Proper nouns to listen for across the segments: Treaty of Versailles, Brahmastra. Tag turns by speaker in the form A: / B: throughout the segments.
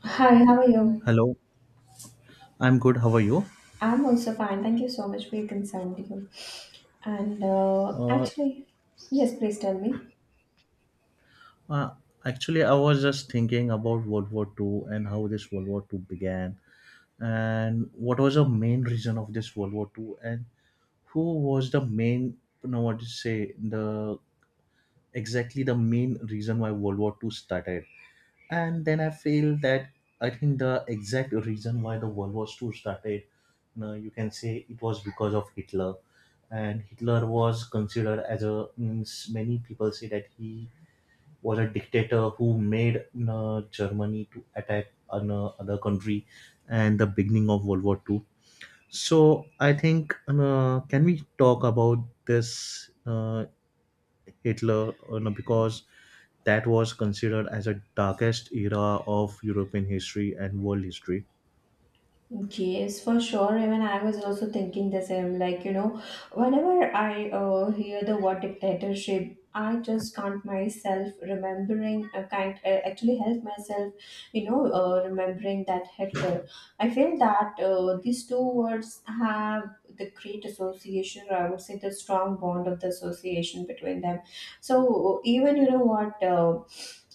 A: Hi, how are you?
B: Hello, I'm good. How are you?
A: I'm also fine. Thank you so much for your concern, dear. And uh,
B: Uh,
A: actually, yes, please tell me.
B: uh, actually, I was just thinking about World War Two and how this World War Two began, and what was the main reason of this World War Two, and who was the main, what to say, the exactly the main reason why World War Two started. And then I feel that I think the exact reason why the World War Two started, you can say it was because of Hitler. And Hitler was considered as a means many people say that he was a dictator who made, Germany to attack an other country and the beginning of World War Two. So I think can we talk about this Hitler, because that was considered as a darkest era of European history and world history.
A: Yes, for sure. Even I was also thinking the same. Like, you know, whenever I hear the word dictatorship, I just can't myself remembering, can't actually help myself, you know, remembering that Hitler. I feel that these two words have the great association, or I would say the strong bond of the association between them. So, even you know what,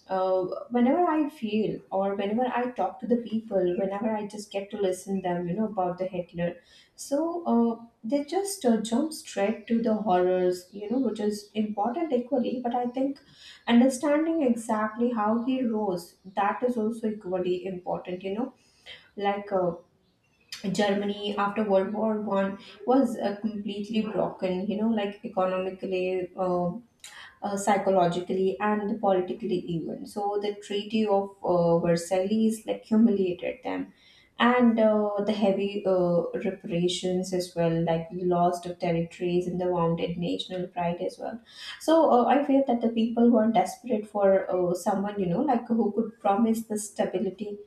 A: uh, whenever I feel or whenever I talk to the people, whenever I just get to listen them, you know, about the Hitler. They just jump straight to the horrors, you know, which is important equally. But I think understanding exactly how he rose, that is also equally important, you know, like uh, Germany after World War One was completely broken, you know, like economically, psychologically and politically even. So the Treaty of Versailles like humiliated them, and the heavy reparations as well, like the loss of territories and the wounded national pride as well. So I feel that the people were desperate for someone you know like who could promise the stability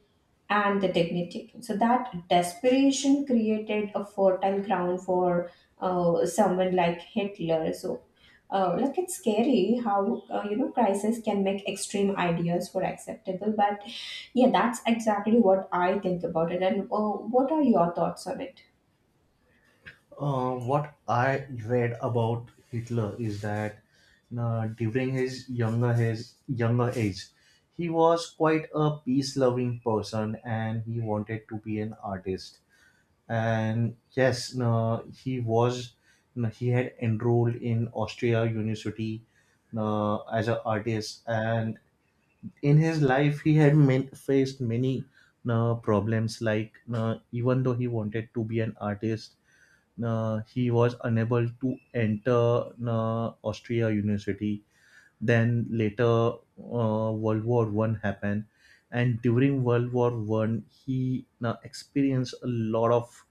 A: and the dignity. So that desperation created a fertile ground for someone like Hitler. So, like it's scary how you know crisis can make extreme ideas for acceptable. But yeah, that's exactly what I think about it. And what are your thoughts on it?
B: What I read about Hitler is that during his younger age, he was quite a peace-loving person, and he wanted to be an artist. And yes, he was no, he had enrolled in Austria University as an artist, and in his life he had faced many problems like even though he wanted to be an artist, he was unable to enter Austria University. Then later World War One happened, and during World War One he experienced a lot of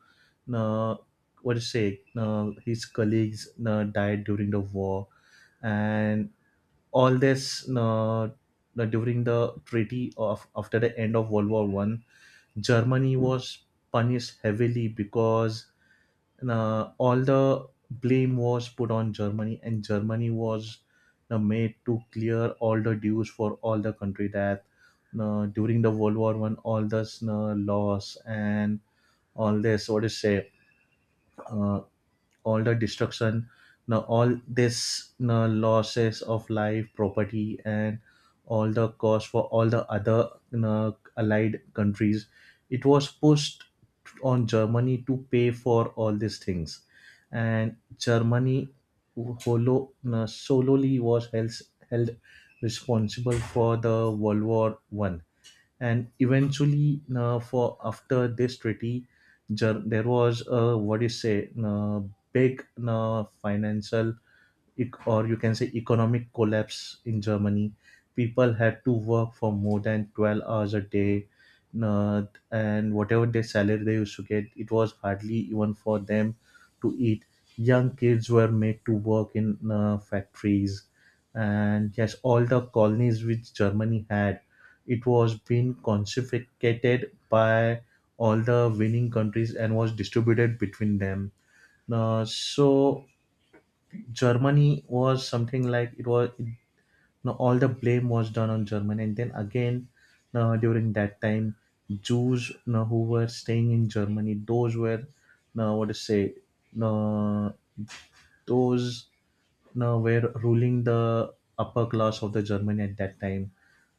B: uh, what to say, his colleagues died during the war. And all this during the treaty of after the end of World War One, Germany was punished heavily because all the blame was put on Germany, and Germany was made to clear all the dues for all the country that during the World War One all this loss and all this, what do you say, uh, all the destruction now all this now, losses of life property and all the cost for all the other now, allied countries, it was pushed on Germany to pay for all these things. And Germany holo, now, solely was held responsible for the World War 1. And eventually for after this treaty there was a, what do you say, big financial or you can say economic collapse in Germany. People had to work for more than 12 hours a day, uh, and whatever their salary they used to get, it was hardly even for them to eat. Young kids were made to work in factories, and yes, all the colonies which Germany had, it was being confiscated by all the winning countries and was distributed between them. So Germany was something like it was it, no, all the blame was done on Germany, and then again during that time, Jews no, who were staying in Germany, those were no, what to say, no, those now were ruling the upper class of the Germany at that time.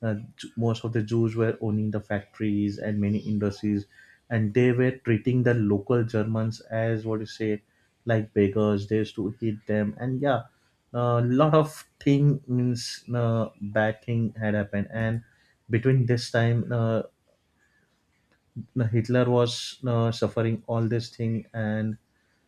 B: Most of the Jews were owning the factories and many industries, and they were treating the local Germans as what you say, like beggars. They used to hit them, and yeah, a lot of thing means bad thing had happened. And between this time, the Hitler was suffering all this thing, and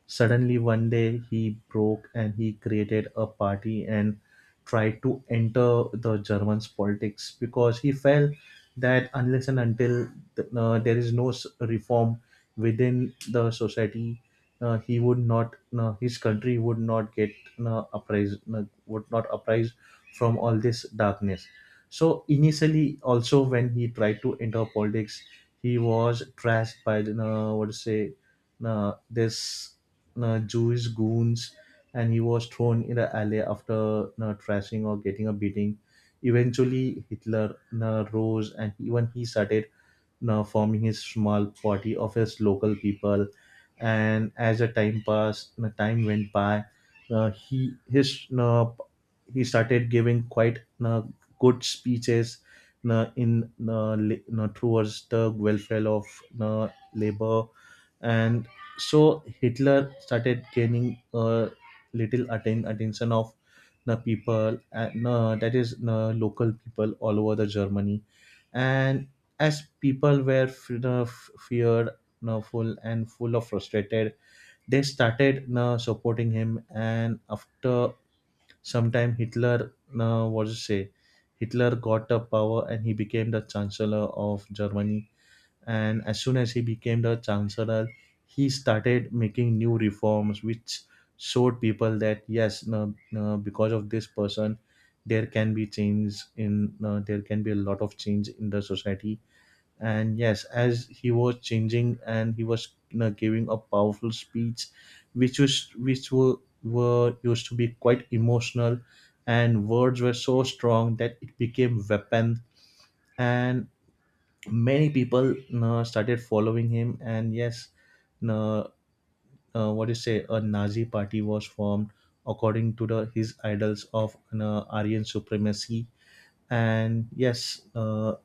B: suddenly one day he broke and he created a party and tried to enter the Germans politics because he felt that unless and until there is no reform within the society, he would not, his country would not get apprised, would not apprise from all this darkness. So initially, also when he tried to enter politics, he was trashed by the what to say, this Jewish goons, and he was thrown in the alley after trashing or getting a beating. Eventually, Hitler rose, and even he started now forming his small party of his local people. And as the time went by, uh, he his uh, he started giving quite good speeches na in na la- towards the welfare of na labor. And so Hitler started gaining little attention of the people, and that is local people all over the Germany. And as people were feared full and full of frustrated, they started supporting him. And after sometime Hitler, what to say? Hitler got the power and he became the chancellor of Germany. And as soon as he became the chancellor, he started making new reforms, which showed people that yes, no, no, because of this person, there can be change in there can be a lot of change in the society. And yes, as he was changing and he was, giving a powerful speech which was were used to be quite emotional, and words were so strong that it became weapon. And many people, started following him, and yes, you know, what do you say, a Nazi party was formed according to the his idols of, Aryan supremacy. And yes,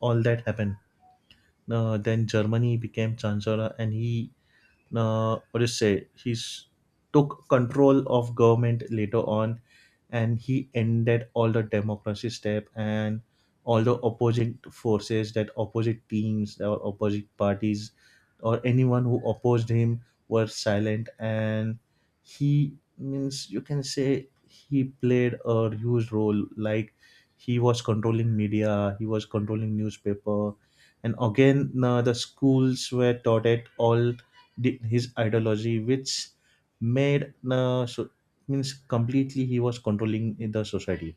B: all that happened. Then Germany became chancellor, and he what do you say? He's took control of government later on, and he ended all the democracy step, and all the opposing forces that opposite teams or opposite parties or anyone who opposed him were silent. And he means you can say he played a huge role, like he was controlling media, he was controlling newspaper, and again the schools were taught at all his ideology, which made so means completely he was controlling the society.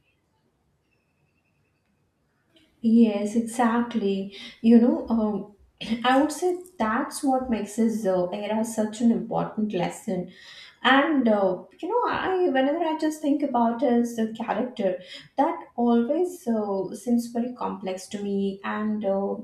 A: Yes, exactly. You know, I would say that's what makes this era such an important lesson and you know I whenever I just think about his character that always seems very complex to me and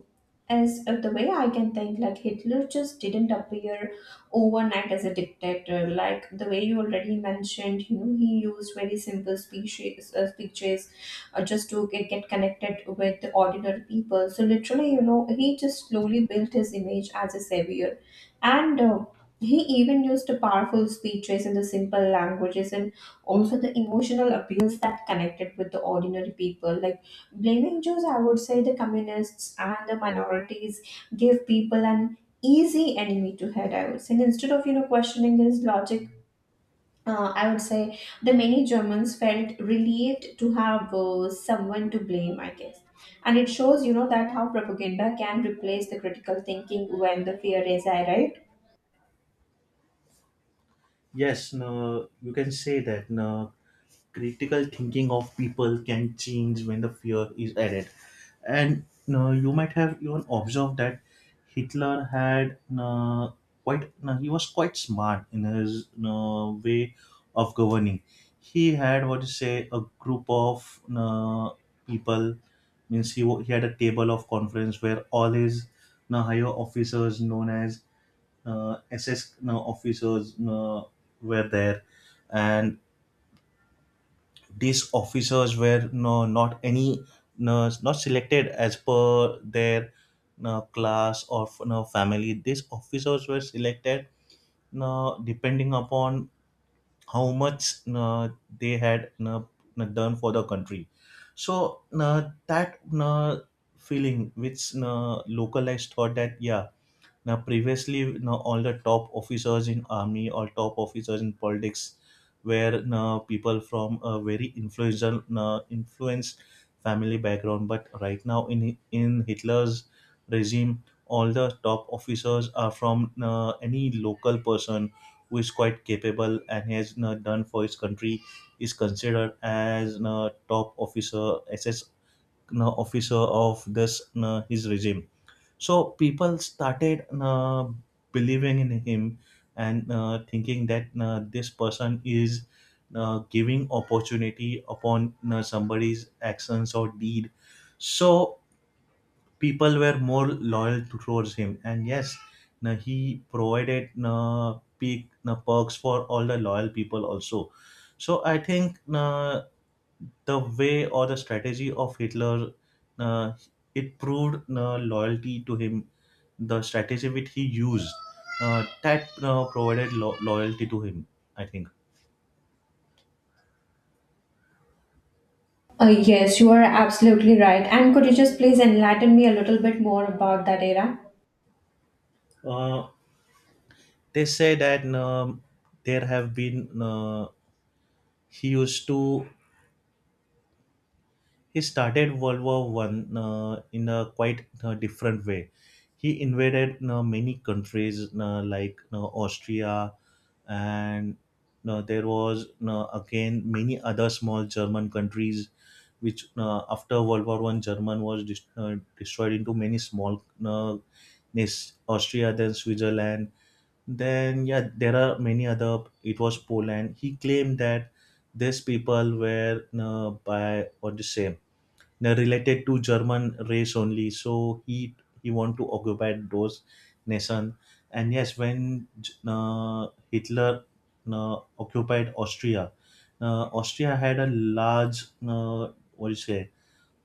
A: as the way I can think like hitler just didn't appear overnight as a dictator like the way you already mentioned, you know, he used very simple speeches just to get connected with the ordinary people. So literally, you know, he just slowly built his image as a savior, and he even used powerful speeches in the simple languages and also the emotional appeals that connected with the ordinary people. Like blaming Jews, I would say the communists and the minorities gave people an easy enemy to hate, I would say. And instead of, you know, questioning his logic, I would say the many Germans felt relieved to have someone to blame, I guess. And it shows, you know, that how propaganda can replace the critical thinking when the fear is high, right?
B: Yes, no, you can say that no, critical thinking of people can change when the fear is added. And no, you might have even observed that Hitler had no, quite no, he was quite smart in his no, way of governing. He had what you say a group of no, people means he, he had a table of conference where all his no, higher officers known as SS, officers, were there, and these officers were, not any, not selected as per their, class or, family. These officers were selected you depending upon how much you they had, done for the country. So you that you feeling which you localized thought that yeah, now, previously, all the top officers in army or top officers in politics were, people from a very influential, influenced family background. But right now, in Hitler's regime, all the top officers are from, any local person who is quite capable and has, done for his country is considered as, top officer, SS, officer of this, his regime. So people started believing in him, and thinking that this person is giving opportunity upon somebody's actions or deed. So people were more loyal towards him, and yes, he provided peak perks for all the loyal people also. So I think. The way or the strategy of Hitler, uh, it proved loyalty to him. The strategy which he used, that provided loyalty to him, I think.
A: Yes, you are absolutely right. And could you just please enlighten me a little bit more about that era?
B: uh, they say that there have been he used to he started World War One in a quite different way. He invaded many countries like Austria, and there was again many other small German countries, which after World War One, German was destroyed into many small nations. Austria, then Switzerland. Then yeah, there are many other. It was Poland. He claimed that these people were by what to say related to German race only. So he want to occupy those nation. And yes, when Hitler occupied Austria, Austria had a large what do you say,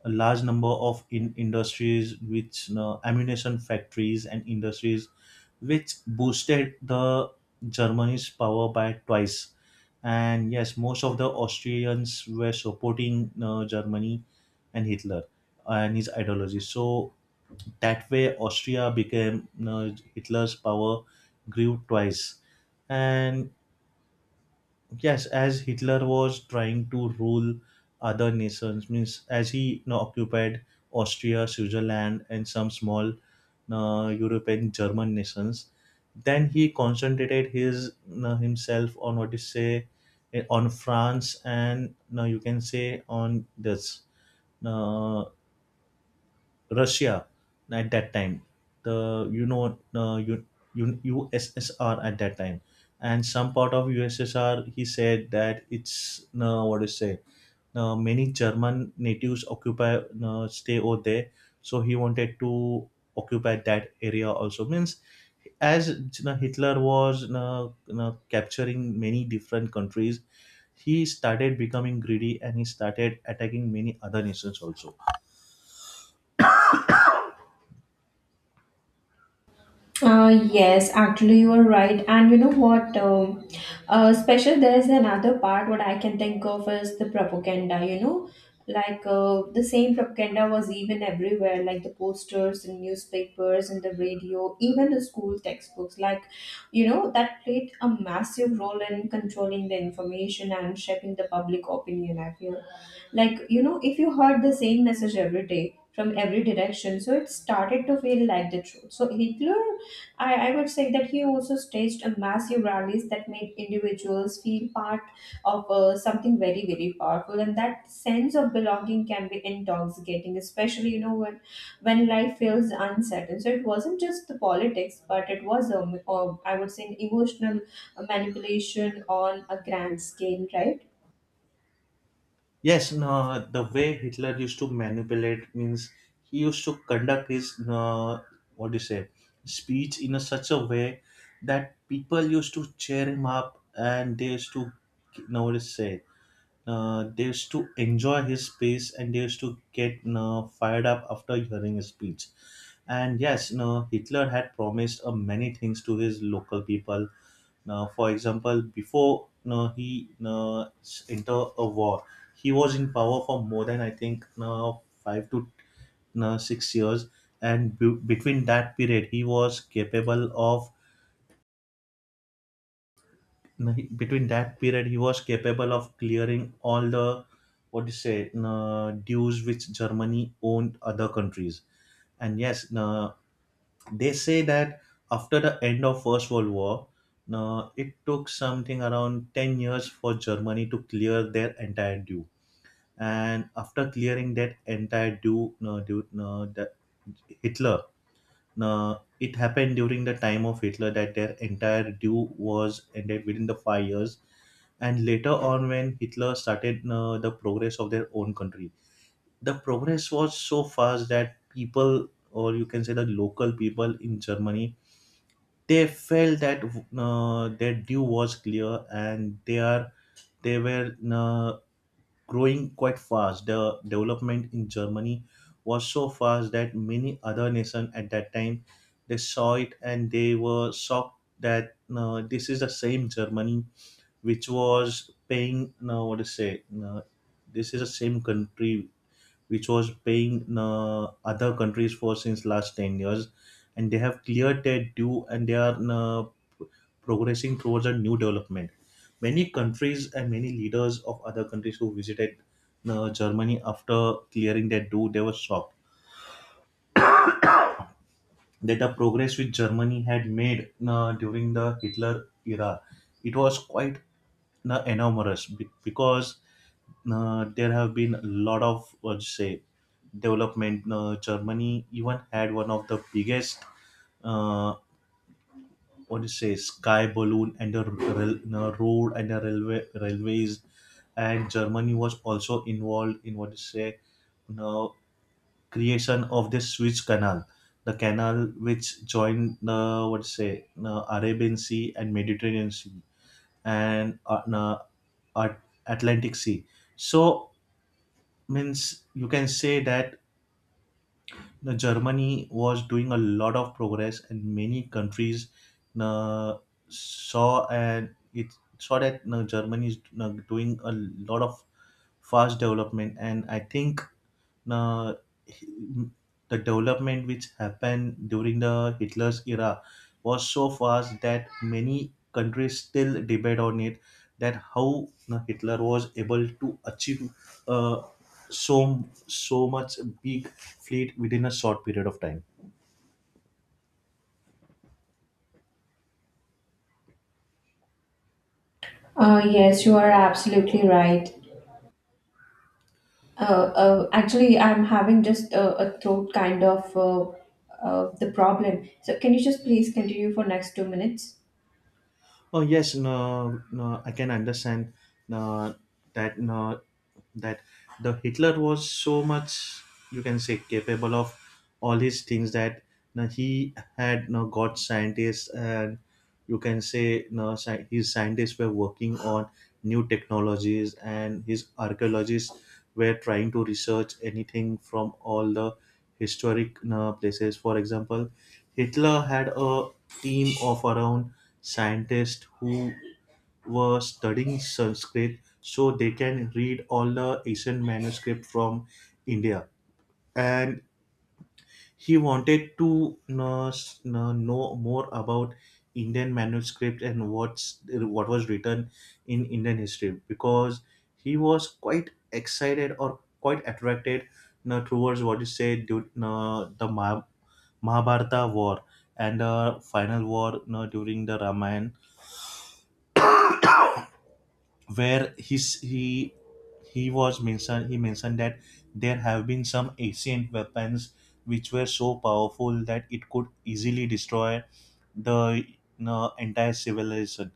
B: a large number of industries, which ammunition factories and industries, which boosted the Germany's power by twice. And yes, most of the Austrians were supporting Germany and Hitler and his ideology. So that way Austria became Hitler's power grew twice. And yes, as Hitler was trying to rule other nations, means as he, occupied Austria, Switzerland, and some small European German nations, then he concentrated his, himself on what you say on France and, you can say on this uh, Russia at that time, the USSR at that time, and some part of USSR. He said that it's what to say. Many German natives occupy stay over there, so he wanted to occupy that area also. Means as you know, Hitler was capturing many different countries. He started becoming greedy, and he started attacking many other nations also.
A: Yes, actually, you are right. And you know what? Special, there is another part what I can think of is the propaganda, you know, the same propaganda was even everywhere, like the posters and newspapers and the radio, even the school textbooks, like, you know, that played a massive role in controlling the information and shaping the public opinion, I feel. Like, you know, if you heard the same message every day, from every direction, so it started to feel like the truth. So hitler, I would say that he also staged a massive rallies that made individuals feel part of something very very powerful, and that sense of belonging can be intoxicating, especially you know when life feels uncertain. So it wasn't just the politics, but it was I would say an emotional manipulation on a grand scale, right?
B: Yes, no, the way Hitler used to manipulate means he used to conduct his what do you say speech in a such a way that people used to cheer him up, and they used to you know what to say they used to enjoy his speech, and they used to get fired up after hearing his speech. And yes, you know, Hitler had promised many things to his local people now. For example, before now he now enter a war, he was in power for more than I think now five to now 6 years, and between that period, he was capable of now, between that period he was capable of clearing all the what do you say now dues which Germany owned other countries. And yes, no, they say that after the end of First World War, it took something around 10 years for Germany to clear their entire due, and after clearing that entire due, that Hitler, it happened during the time of Hitler that their entire due was ended within the 5 years. And later on, when Hitler started the progress of their own country, the progress was so fast that people, or you can say the local people in Germany, they felt that their due was clear and they are, they were growing quite fast. The development in Germany was so fast that many other nations at that time, they saw it and they were shocked that this is the same Germany which was paying what to say this is the same country which was paying other countries for since last 10 years, and they have cleared their due and they are progressing towards a new development. Many countries and many leaders of other countries who visited Germany after clearing their due, they were shocked that the progress which Germany had made during the Hitler era, it was quite enormous because there have been a lot of what you say development. Germany even had one of the biggest uh, what do you say sky balloon, and the the road and the railways. And Germany was also involved in what do you say now creation of this Suez Canal, the canal which joined the what do you say the Arabian Sea and Mediterranean Sea, and Atlantic Sea. So means you can say that now, Germany was doing a lot of progress, and many countries uh, saw, and it saw that you Germany is you doing a lot of fast development. And I think uh, the development which happened during the Hitler's era was so fast that many countries still debate on it, that how you know, Hitler was able to achieve uh, so much big fleet within a short period of time.
A: Yes you are absolutely right. Uh, actually, I'm having just a throat kind of the problem. So, can you just please continue for next 2 minutes?
B: Oh yes, no, no, I can understand, no, that no, that the Hitler was so much, you can say, capable of all his things that no, he had no got scientists, and you can say no, his scientists were working on new technologies, and his archaeologists were trying to research anything from all the historic no, places. For example, Hitler had a team of around scientists who were studying Sanskrit so they can read all the ancient manuscript from India. And he wanted to know more about Indian manuscript, and what's what was written in Indian history, because he was quite excited or quite attracted towards what you say the Mahabharata war and the final war during the Ramayana, where his he was mentioned he mentioned that there have been some ancient weapons which were so powerful that it could easily destroy the you entire civilization.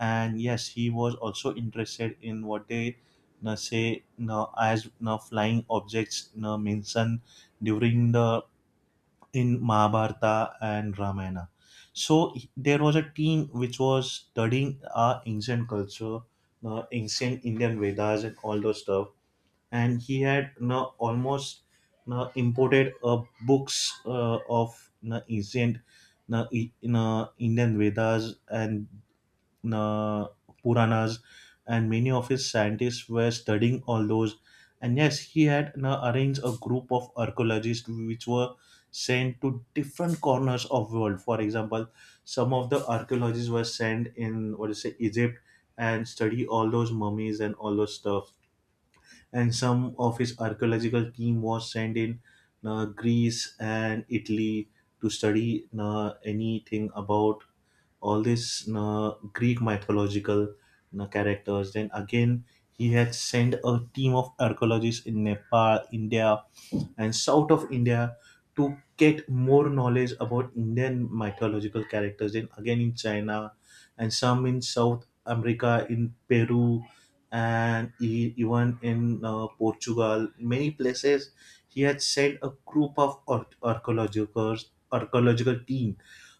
B: And yes, he was also interested in what they you say you as you flying objects you mentioned during the in Mahabharata and Ramayana. So there was a team which was studying our ancient culture, ancient Indian Vedas and all those stuff. And he had you know, almost you know, imported books of you know, ancient you know, you know, Indian Vedas and uh, Puranas, and many of his scientists were studying all those. And yes, he had arranged a group of archaeologists which were sent to different corners of world. For example, some of the archaeologists were sent in what do you say Egypt and study all those mummies and all those stuff, and some of his archaeological team was sent in Greece and Italy to study anything about all this Greek mythological characters. Then again, he had sent a team of archaeologists in Nepal, India, and south of India to get more knowledge about Indian mythological characters. Then again in China, and some in South America, in Peru, and even in Portugal. Many places he had sent a group of ar archaeological team,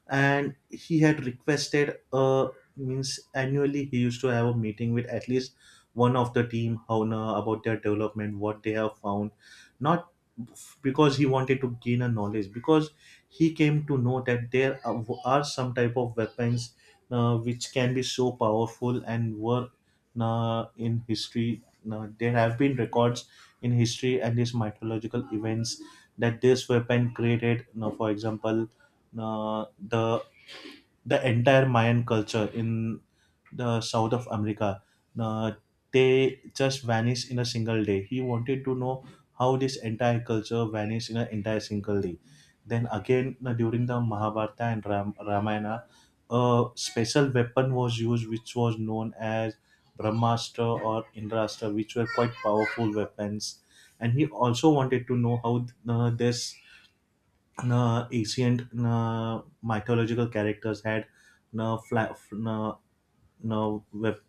B: and he had requested uh, means annually he used to have a meeting with at least one of the team owner about their development, what they have found, not, because he wanted to gain a knowledge, because he came to know that there are some type of weapons which can be so powerful, and were in history there have been records in history and these mythological events, that this weapon created you know, for example, uh, the the entire Mayan culture in the south of America. Uh, they just vanished in a single day. He wanted to know how this entire culture vanished in an entire single day. Then again, during the Mahabharata and Ramayana, a special weapon was used, which was known as Brahmastra or Indrastra, which were quite powerful weapons. And he also wanted to know how this na, ancient na, mythological characters had na, fly, na, na,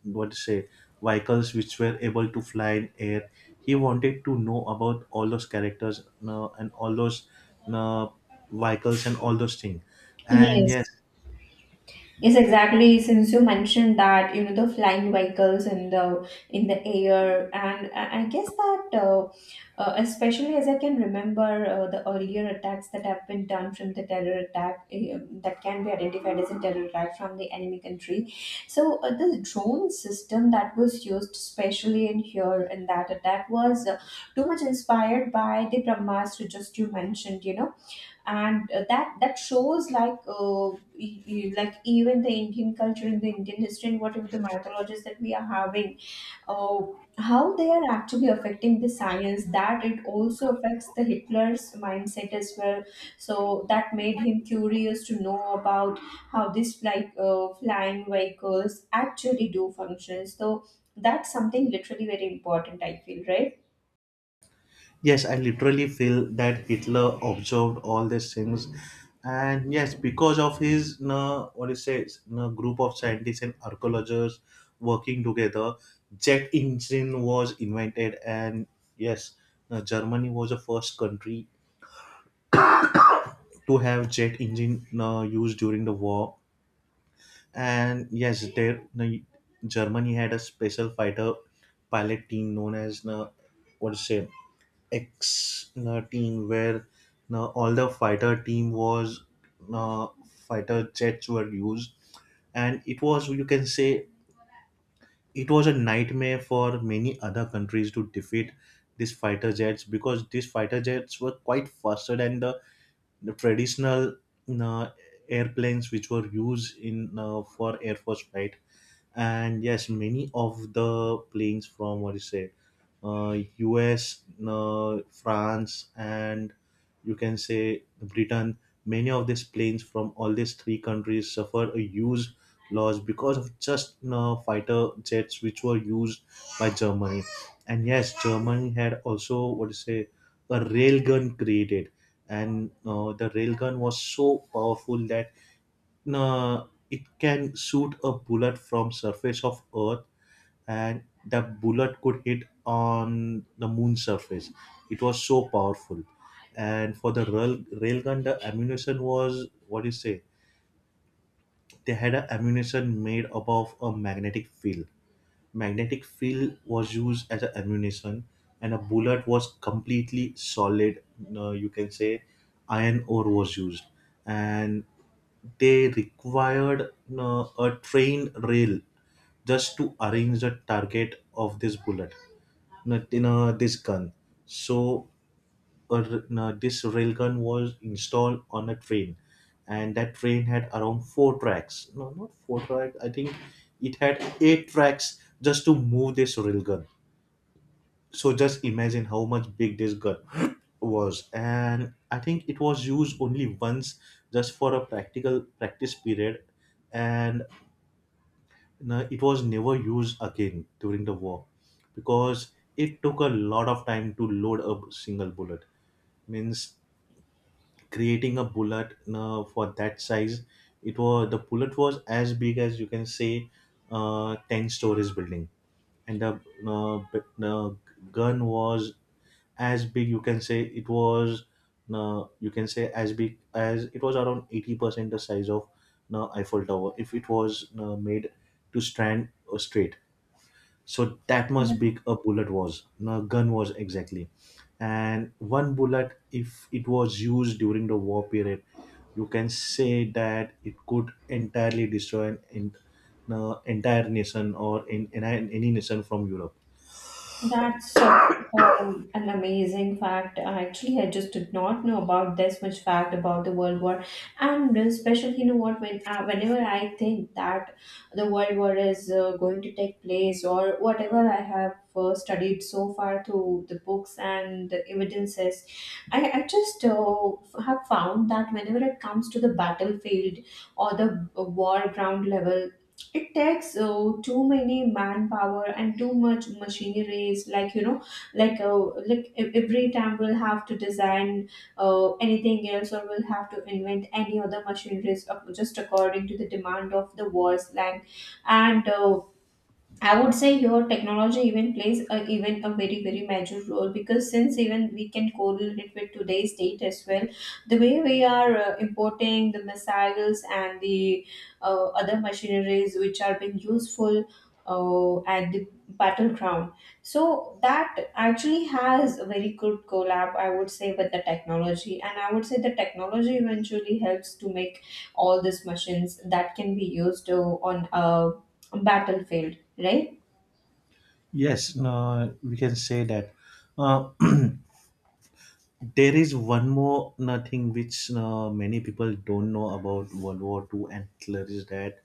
B: what to say vehicles which were able to fly in air. He wanted to know about all those characters na, and all those na, vehicles and all those things. And yes,
A: Yes. Yes, exactly. Since you mentioned that, you know, the flying vehicles in the air, and I guess that, especially as I can remember the earlier attacks that have been done from the terror attack, that can be identified as a terror attack from the enemy country. So the drone system that was used, especially in here in that attack, was too much inspired by the Brahmastra just you mentioned. You know, and that that shows like even the indian culture and the indian history and whatever the mythologies that we are having, uh, how they are actually affecting the science, that it also affects the hitler's mindset as well. So that made him curious to know about how these flying vehicles actually do function. So that's something literally very important I feel, right?
B: yes, I literally feel that Hitler observed all these things, and yes, because of his no what is it no group of scientists and archaeologists working together, jet engine was invented, and yes, Germany was the first country to have jet engine used during the war. And yes, there no, Germany had a special fighter pilot team known as no what is it X team, where all the fighter team was uh, fighter jets were used, and it was you can say it was a nightmare for many other countries to defeat these fighter jets, because these fighter jets were quite faster than the traditional uh, airplanes which were used in for air force flight. And yes, many of the planes from what you say uh, US France, and you can say Britain, many of these planes from all these three countries suffered a huge loss because of just you fighter jets which were used by Germany. And yes, Germany had also what you say a railgun created, and the railgun was so powerful that it can shoot a bullet from surface of earth, and that bullet could hit on the moon surface. It was so powerful. And for the railgun the ammunition was what do you say, they had a ammunition made above a magnetic field. Magnetic field was used as a ammunition, and a bullet was completely solid. Uh, you can say iron ore was used, and they required a trained rail just to arrange the target of this bullet, not, you know, this gun. So this railgun was installed on a train, and that train had around four tracks, no, not four tracks, I think it had eight tracks just to move this railgun. So just imagine how much big this gun was, and I think it was used only once, just for a practical practice period. And no, it was never used again during the war, because it took a lot of time to load a single bullet. Means creating a bullet for that size, it was the bullet was as big as you can say 10 stories building. And the uh, b- uh, gun was as big you can say it was you can say as big as it was around 80% the size of Eiffel Tower if it was made to stand straight. So that much big a bullet was a gun was exactly. And one bullet if it was used during the war period, you can say that it could entirely destroy no, entire nation, or any nation from Europe.
A: That's such an amazing fact. Actually, I just did not know about this much fact about the World War, and especially, you know what? When whenever I think that the World War is going to take place, or whatever I have studied so far through the books and the evidences, I just have found that whenever it comes to the battlefield or the war ground level, it takes too many manpower and too much machineries, like you know, like uh, every time we'll have to design anything else, or we'll have to invent any other machineries just according to the demand of the world's land. And I would say your technology even plays a, even a very very major role, because since even we can correlate it with today's date as well, the way we are importing the missiles and the other machineries which are being useful at the battleground, so that actually has a very good collab, I would say, with the technology, and I would say the technology eventually helps to make all these machines that can be used on a battlefield, right?
B: Yes, no, we can say that uh, there is one more no, thing which no, many people don't know about World War Two, and thats that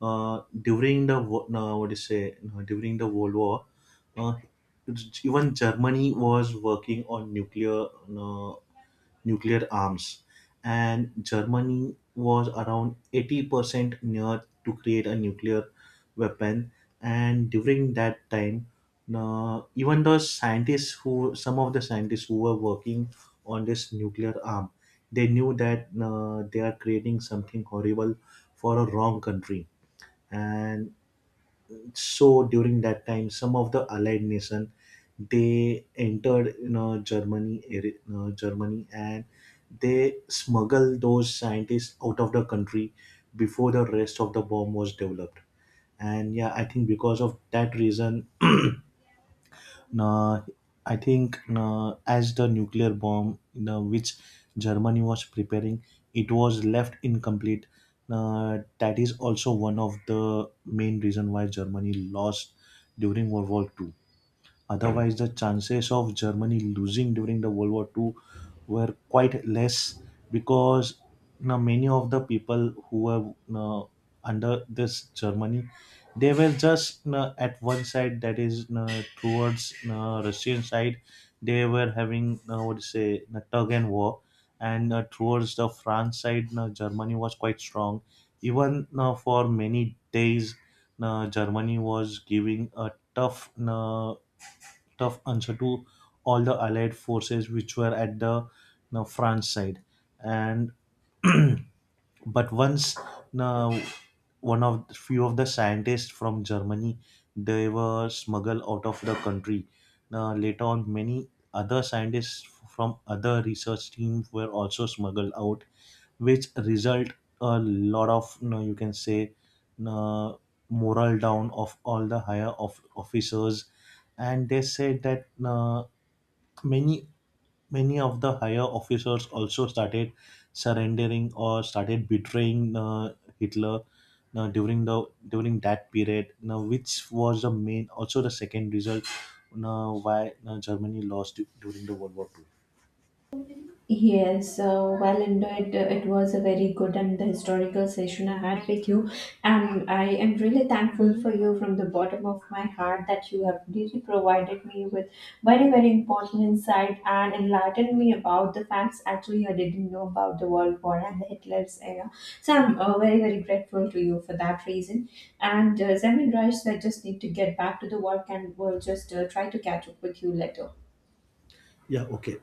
B: during the no, what do you say no, during the World War, uh, it's- even Germany was working on nuclear no, nuclear arms, and Germany was around 80% near to create a nuclear weapon. And during that time, no, even the scientists who some of the scientists who were working on this nuclear arm, they knew that no, they are creating something horrible for a wrong country. And so during that time, some of the allied nation, they entered you know germany you know, Germany, and they smuggled those scientists out of the country before the rest of the bomb was developed. And yeah, I think because of that reason now, I think now, as the nuclear bomb now, which Germany was preparing, it was left incomplete. Now, that is also one of the main reason why Germany lost during World War Two. Otherwise, the chances of Germany losing during the World War Two were quite less, because you know, many of the people who were you know, under this Germany, they were just you know, at one side, that is you know, towards you know, Russian side, they were having you know, what to say you know, tug and war. And towards the France side, you know, Germany was quite strong. Even you for many days, you Germany was giving a tough you tough answer to all the allied forces which were at the you know, France side. And but once you know, one of few of the scientists from Germany, they were smuggled out of the country. Now later on, many other scientists from other research teams were also smuggled out, which result a lot of you, know, you can say uh, moral down of all the higher of officers. And they said that many, many of the higher officers also started surrendering or started betraying Hitler during the during that period. Now, which was the main also the second result why Germany lost during the World War Two.
A: Yes, well, indeed, it was a very good and the historical session I had with you, and I am really thankful for you from the bottom of my heart that you have really provided me with very, very important insight and enlightened me about the facts actually I didn't know about the World War and the Hitler's era. So I'm very, very grateful to you for that reason. And Zemin Rice, I just need to get back to the work, and we'll just try to catch up with you later.
B: Yeah. Okay.